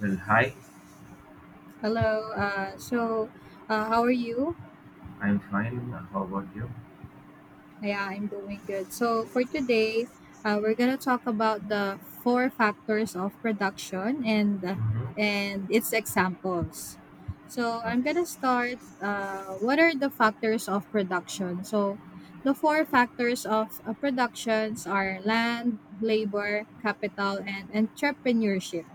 Well, hi, Hello. How are you? I'm fine. How about you? Yeah, I'm doing good. So, for today, we're gonna talk about the four factors of production and Mm-hmm. and its examples. So, I'm Okay. gonna start. What are the factors of production? So, the four factors of productions are land, labor, capital, and entrepreneurship.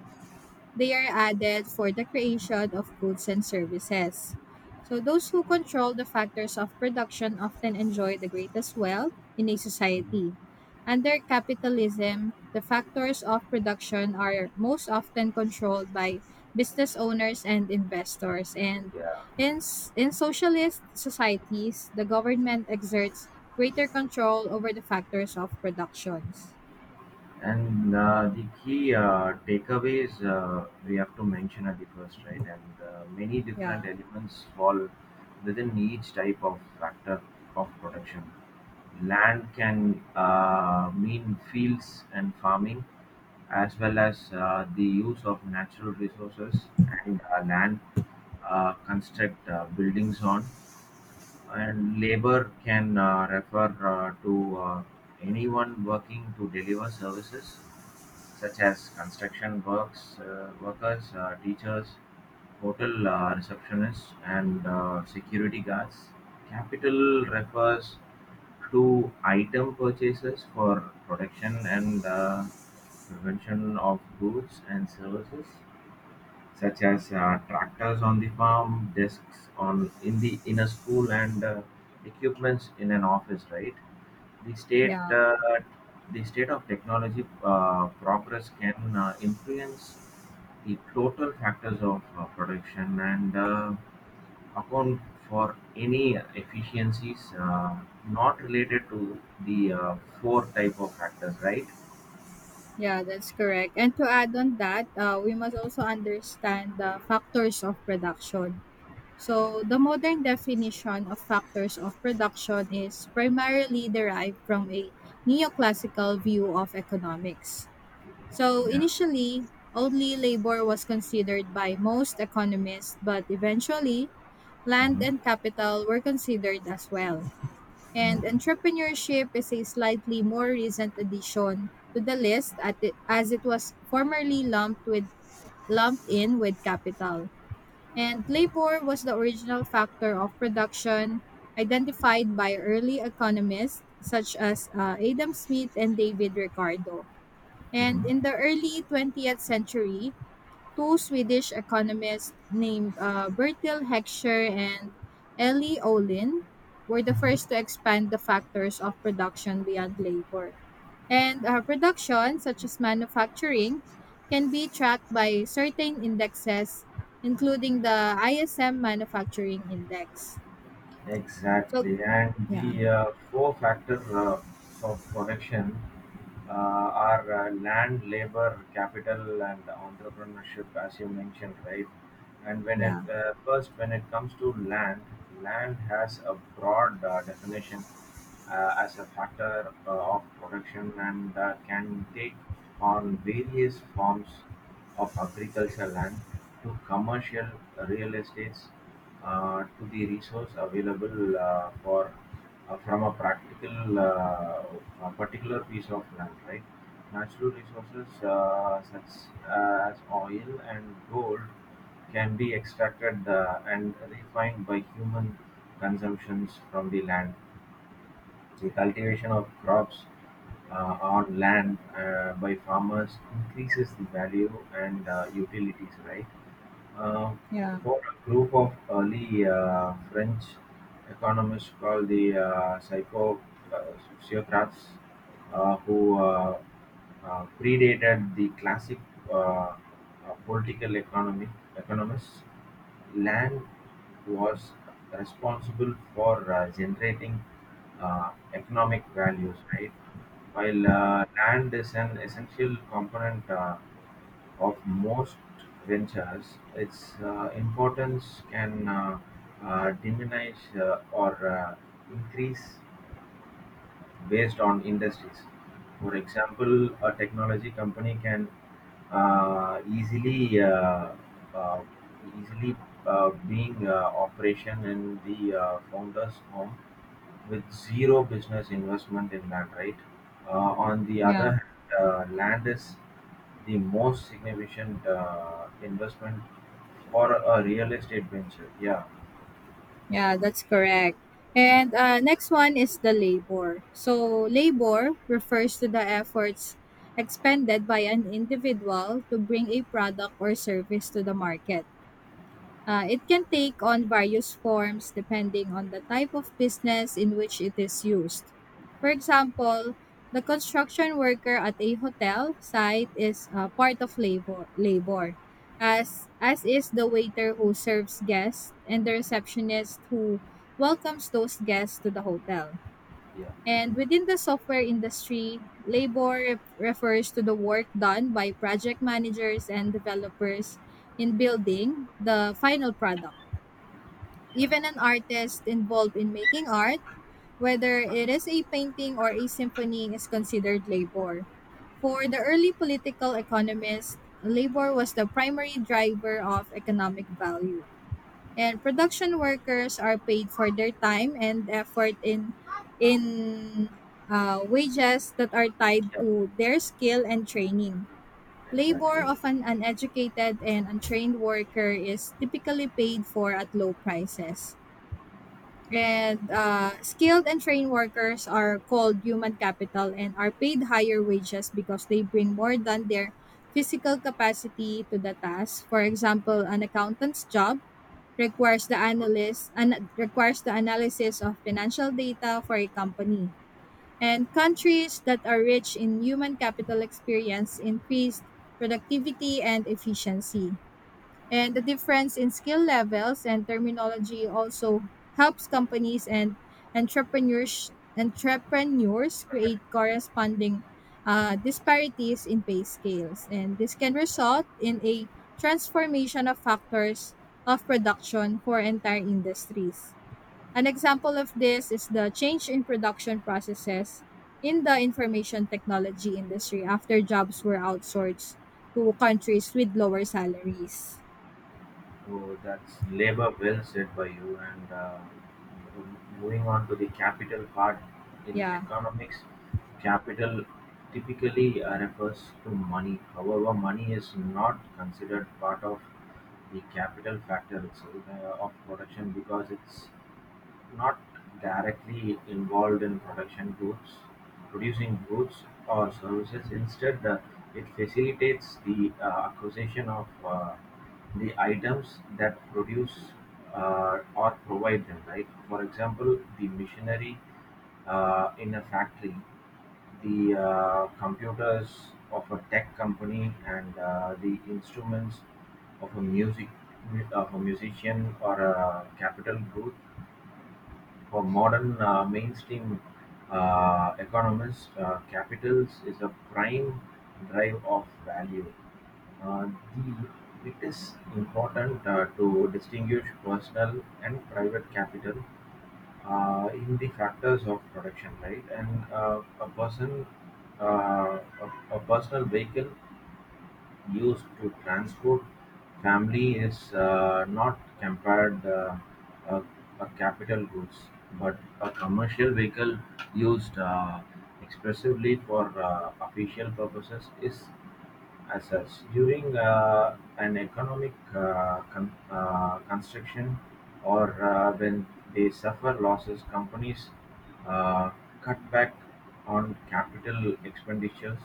They are added for the creation of goods and services. So, those who control the factors of production often enjoy the greatest wealth in a society. Under capitalism, the factors of production are most often controlled by business owners and investors. And Yeah. in socialist societies, the government exerts greater control over the factors of productions. And The key takeaways we have to mention at the first, right? And Many Yeah, different elements fall within each type of factor of production. Land can mean fields and farming, as well as the use of natural resources and land construct buildings on. And labor can refer to anyone working to deliver services, such as construction works, workers, teachers, hotel receptionists, and security guards. Capital refers to item purchases for production and prevention of goods and services such as tractors on the farm, desks on in the in a school, and equipments in an office. Right, the state yeah. uh, the state of technology progress can influence the total factors of production and account for any efficiencies not related to the four type of factors. Right. Yeah, that's correct. And to add on that, we must also understand the factors of production. So, the modern definition of factors of production is primarily derived from a neoclassical view of economics. So, Yeah. initially, only labor was considered by most economists, but eventually, land and capital were considered as well and entrepreneurship is a slightly more recent addition to the list as it was formerly lumped in with capital. And labor was the original factor of production identified by early economists such as Adam Smith and David Ricardo. And Mhm. in the early 20th century, two Swedish economists named Bertil Heckscher and Ellie Olin were the first Mhm. to expand the factors of production beyond labor. And production, such as manufacturing, can be tracked by certain indexes, including the ISM Manufacturing Index. So, Exactly, and yeah, the four factors of production are land, labor, capital, and entrepreneurship, as you mentioned, right? And when it yeah, when it comes to land, land has a broad definition as a factor of production and can take on various forms of agricultural land to commercial real estates to the resource available for from a practical a particular piece of land, right? Natural resources such as oil and gold can be extracted and refined by human consumptions from the land. The cultivation of crops on land by farmers increases the value and utilities, right? uh, yeah, for a group of early French economists called the psycho uh, sociocrats, who predated the classic uh, uh, political economy economists. Land was responsible for generating economic values, right? While land is an essential component of most ventures, its importance can diminish or increase based on industries. For example, a technology company can uh, easily uh, uh, easily being operation in the founder's home with zero business investment in land, right? On the other yeah. hand, land is the most significant investment for a real estate venture. Yeah, Yeah, that's correct. And next one is the labor. So, labor refers to the efforts expended by an individual to bring a product or service to the market. It can take on various forms depending on the type of business in which it is used. For example, the construction worker at a hotel site is part of labor as is the waiter who serves guests and the receptionist who welcomes those guests to the hotel. yeah, And within the software industry, refers to the work done by project managers and developers in building the final product. yeah, Even an artist involved in making art, whether it is a painting or a symphony, is considered labor. For the early political economists, labor was the primary driver of economic value and production workers are paid for their time and effort in wages that are tied yeah, to their skill and training. Labor exactly. of an uneducated and untrained worker is typically paid for at low prices. And skilled and trained workers are called human capital and are paid higher wages because they bring more than their physical capacity to the task. For example, an accountant's job requires the analysis of financial data for a company. And countries that are rich in human capital experience increased productivity and efficiency. And the difference in skill levels and terminology also helps companies and entrepreneurs entrepreneurs create corresponding disparities in pay scales. And this can result in a transformation of factors of production for entire industries. An example of this is the change in production processes in the information technology industry after jobs were outsourced to countries with lower salaries. So that's labor well said by you. And Moving on to the capital part in Yeah, economics, capital typically refers to money. However, money is not considered part of the capital factor itself of production because it's not directly involved in production goods, producing goods or services. Instead, it facilitates the acquisition of the items that produce or provide them, right? For example, the machinery in a factory, the computers of a tech company, and the instruments of a musician, or a capital group for modern mainstream economists, capital is a prime drive of value. Uh, the- It is important to distinguish personal and private capital in the factors of production, right? And uh, a person, a, A personal vehicle used to transport family is not compared a, a capital goods, but a commercial vehicle used expressively for official purposes is as such, during an economic construction, or when they suffer losses, companies uh, cut back on capital expenditures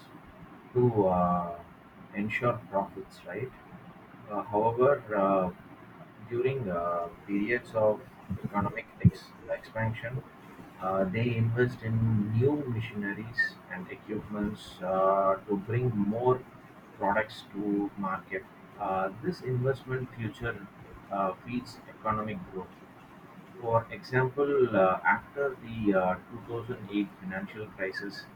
to ensure profits, right? However, during periods of economic expansion, they invest in new machineries and equipments to bring more products to market. This investment future feeds economic growth. For example, after the 2008 financial crisis,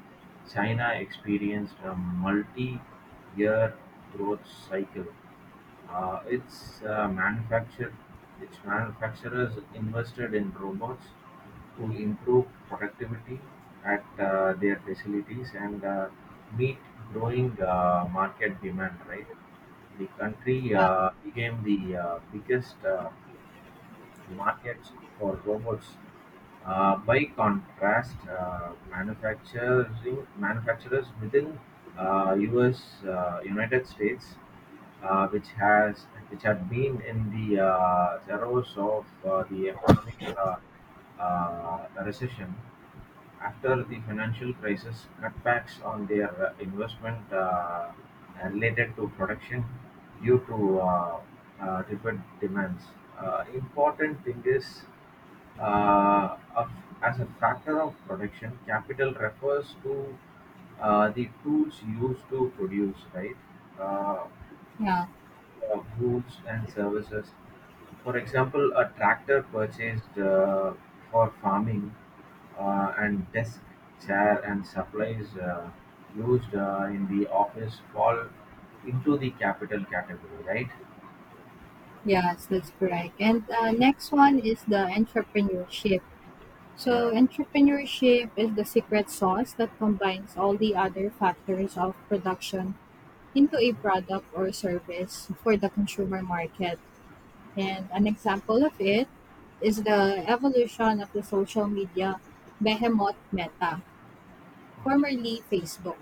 China experienced a multi year growth cycle. uh, its uh, manufacture its manufacturers invested in robots to improve productivity at their facilities and meet growing market demand. Right, the country yeah, became the biggest markets for robots. By contrast, manufacturing manufacturers within U.S. United States, which had been in the throes of the economic recession after the financial crisis, cutbacks on their investment related to production due to tepid demands. Important thing is of- As a factor of production, capital refers to the tools used to produce, right? Uh, yeah, Goods and services. For example, a tractor purchased for farming and desk, chair, and supplies used in the office fall into the capital category, right? yes, that's correct. And next one is the entrepreneurship. Yeah. So, entrepreneurship is the secret sauce that combines all the other factors of production into a product or service for the consumer market. And an example of it is the evolution of the social media behemoth Meta, formerly Facebook.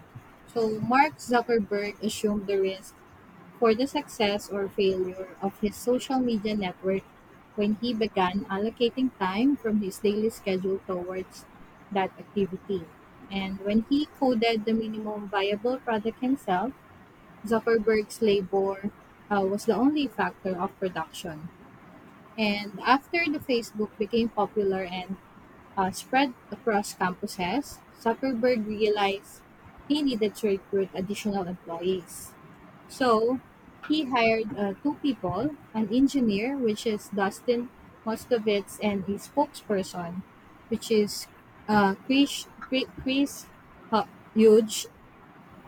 So, Mark Zuckerberg assumed the risk for the success or failure of his social media network when he began allocating time from his daily schedule towards that activity. And when he coded the minimum viable product himself, Zuckerberg's labor was the only factor of production. And after the Facebook became popular and spread across campuses, Zuckerberg realized he needed to recruit additional employees. So he hired two people, an engineer, which is Dustin Moskovitz, and a spokesperson, which is Chris Huge,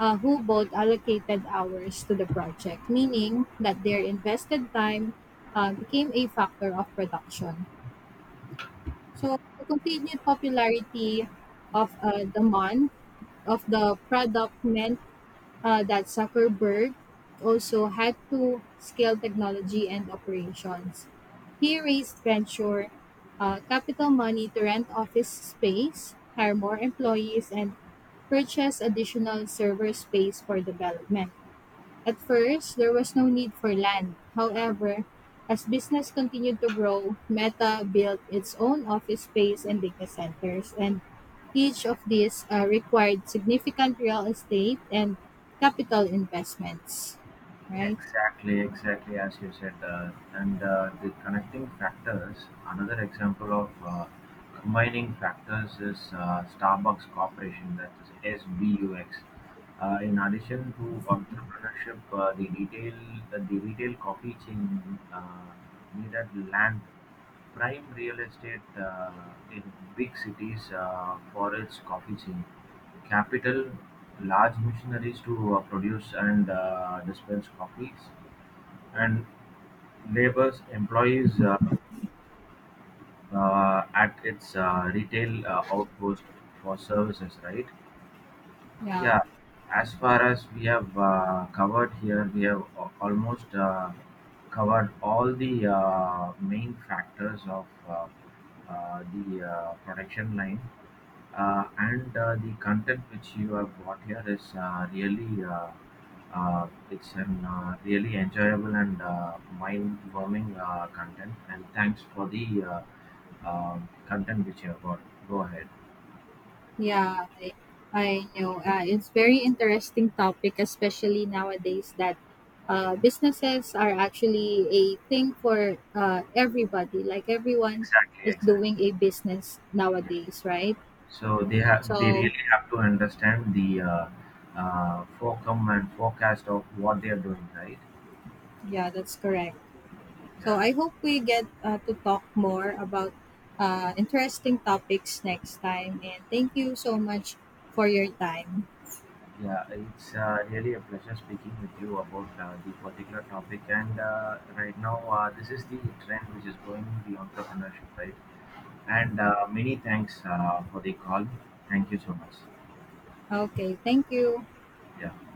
who both allocated hours to the project, meaning that their invested time became a factor of production. So the continued popularity of the month of the product meant that Zuckerberg also had to scale technology and operations. He raised venture capital money to rent office space, hire more employees, and purchase additional server space for development. At first, there was no need for land. However, as business continued to grow, Meta built its own office space and data centers, and each of these required significant real estate and capital investments, right? Exactly, exactly as you said, and the connecting factors. Another example of combining factors is Starbucks Corporation, that is SBUX. In addition to entrepreneurship, the retail coffee chain needed land. Prime real estate in big cities for its coffee chain, capital, large machineries to produce and dispense coffees, and labors employees at its retail outpost for services, right? Yeah. Yeah, as far as we have covered here, we have almost covered all the main factors of the production line. And The content which you have got here is really it's an really enjoyable and mind-warming content. And thanks for the content which you have got. Go ahead. Yeah, I, I know. It's very interesting topic, especially nowadays that businesses are actually a thing for everybody. Like everyone Exactly. is Exactly. doing a business Yes. nowadays, right? So they So really have to understand the forecom and forecast of what they are doing, right? yeah, that's correct. So Yeah, I hope we get to talk more about interesting topics next time. And thank you so much for your time. yeah, it's really a pleasure speaking with you about the particular topic. And Right now, this is the trend which is going in the entrepreneurship, right? And Many thanks for the call. Thank you so much. Okay, thank you. Yeah.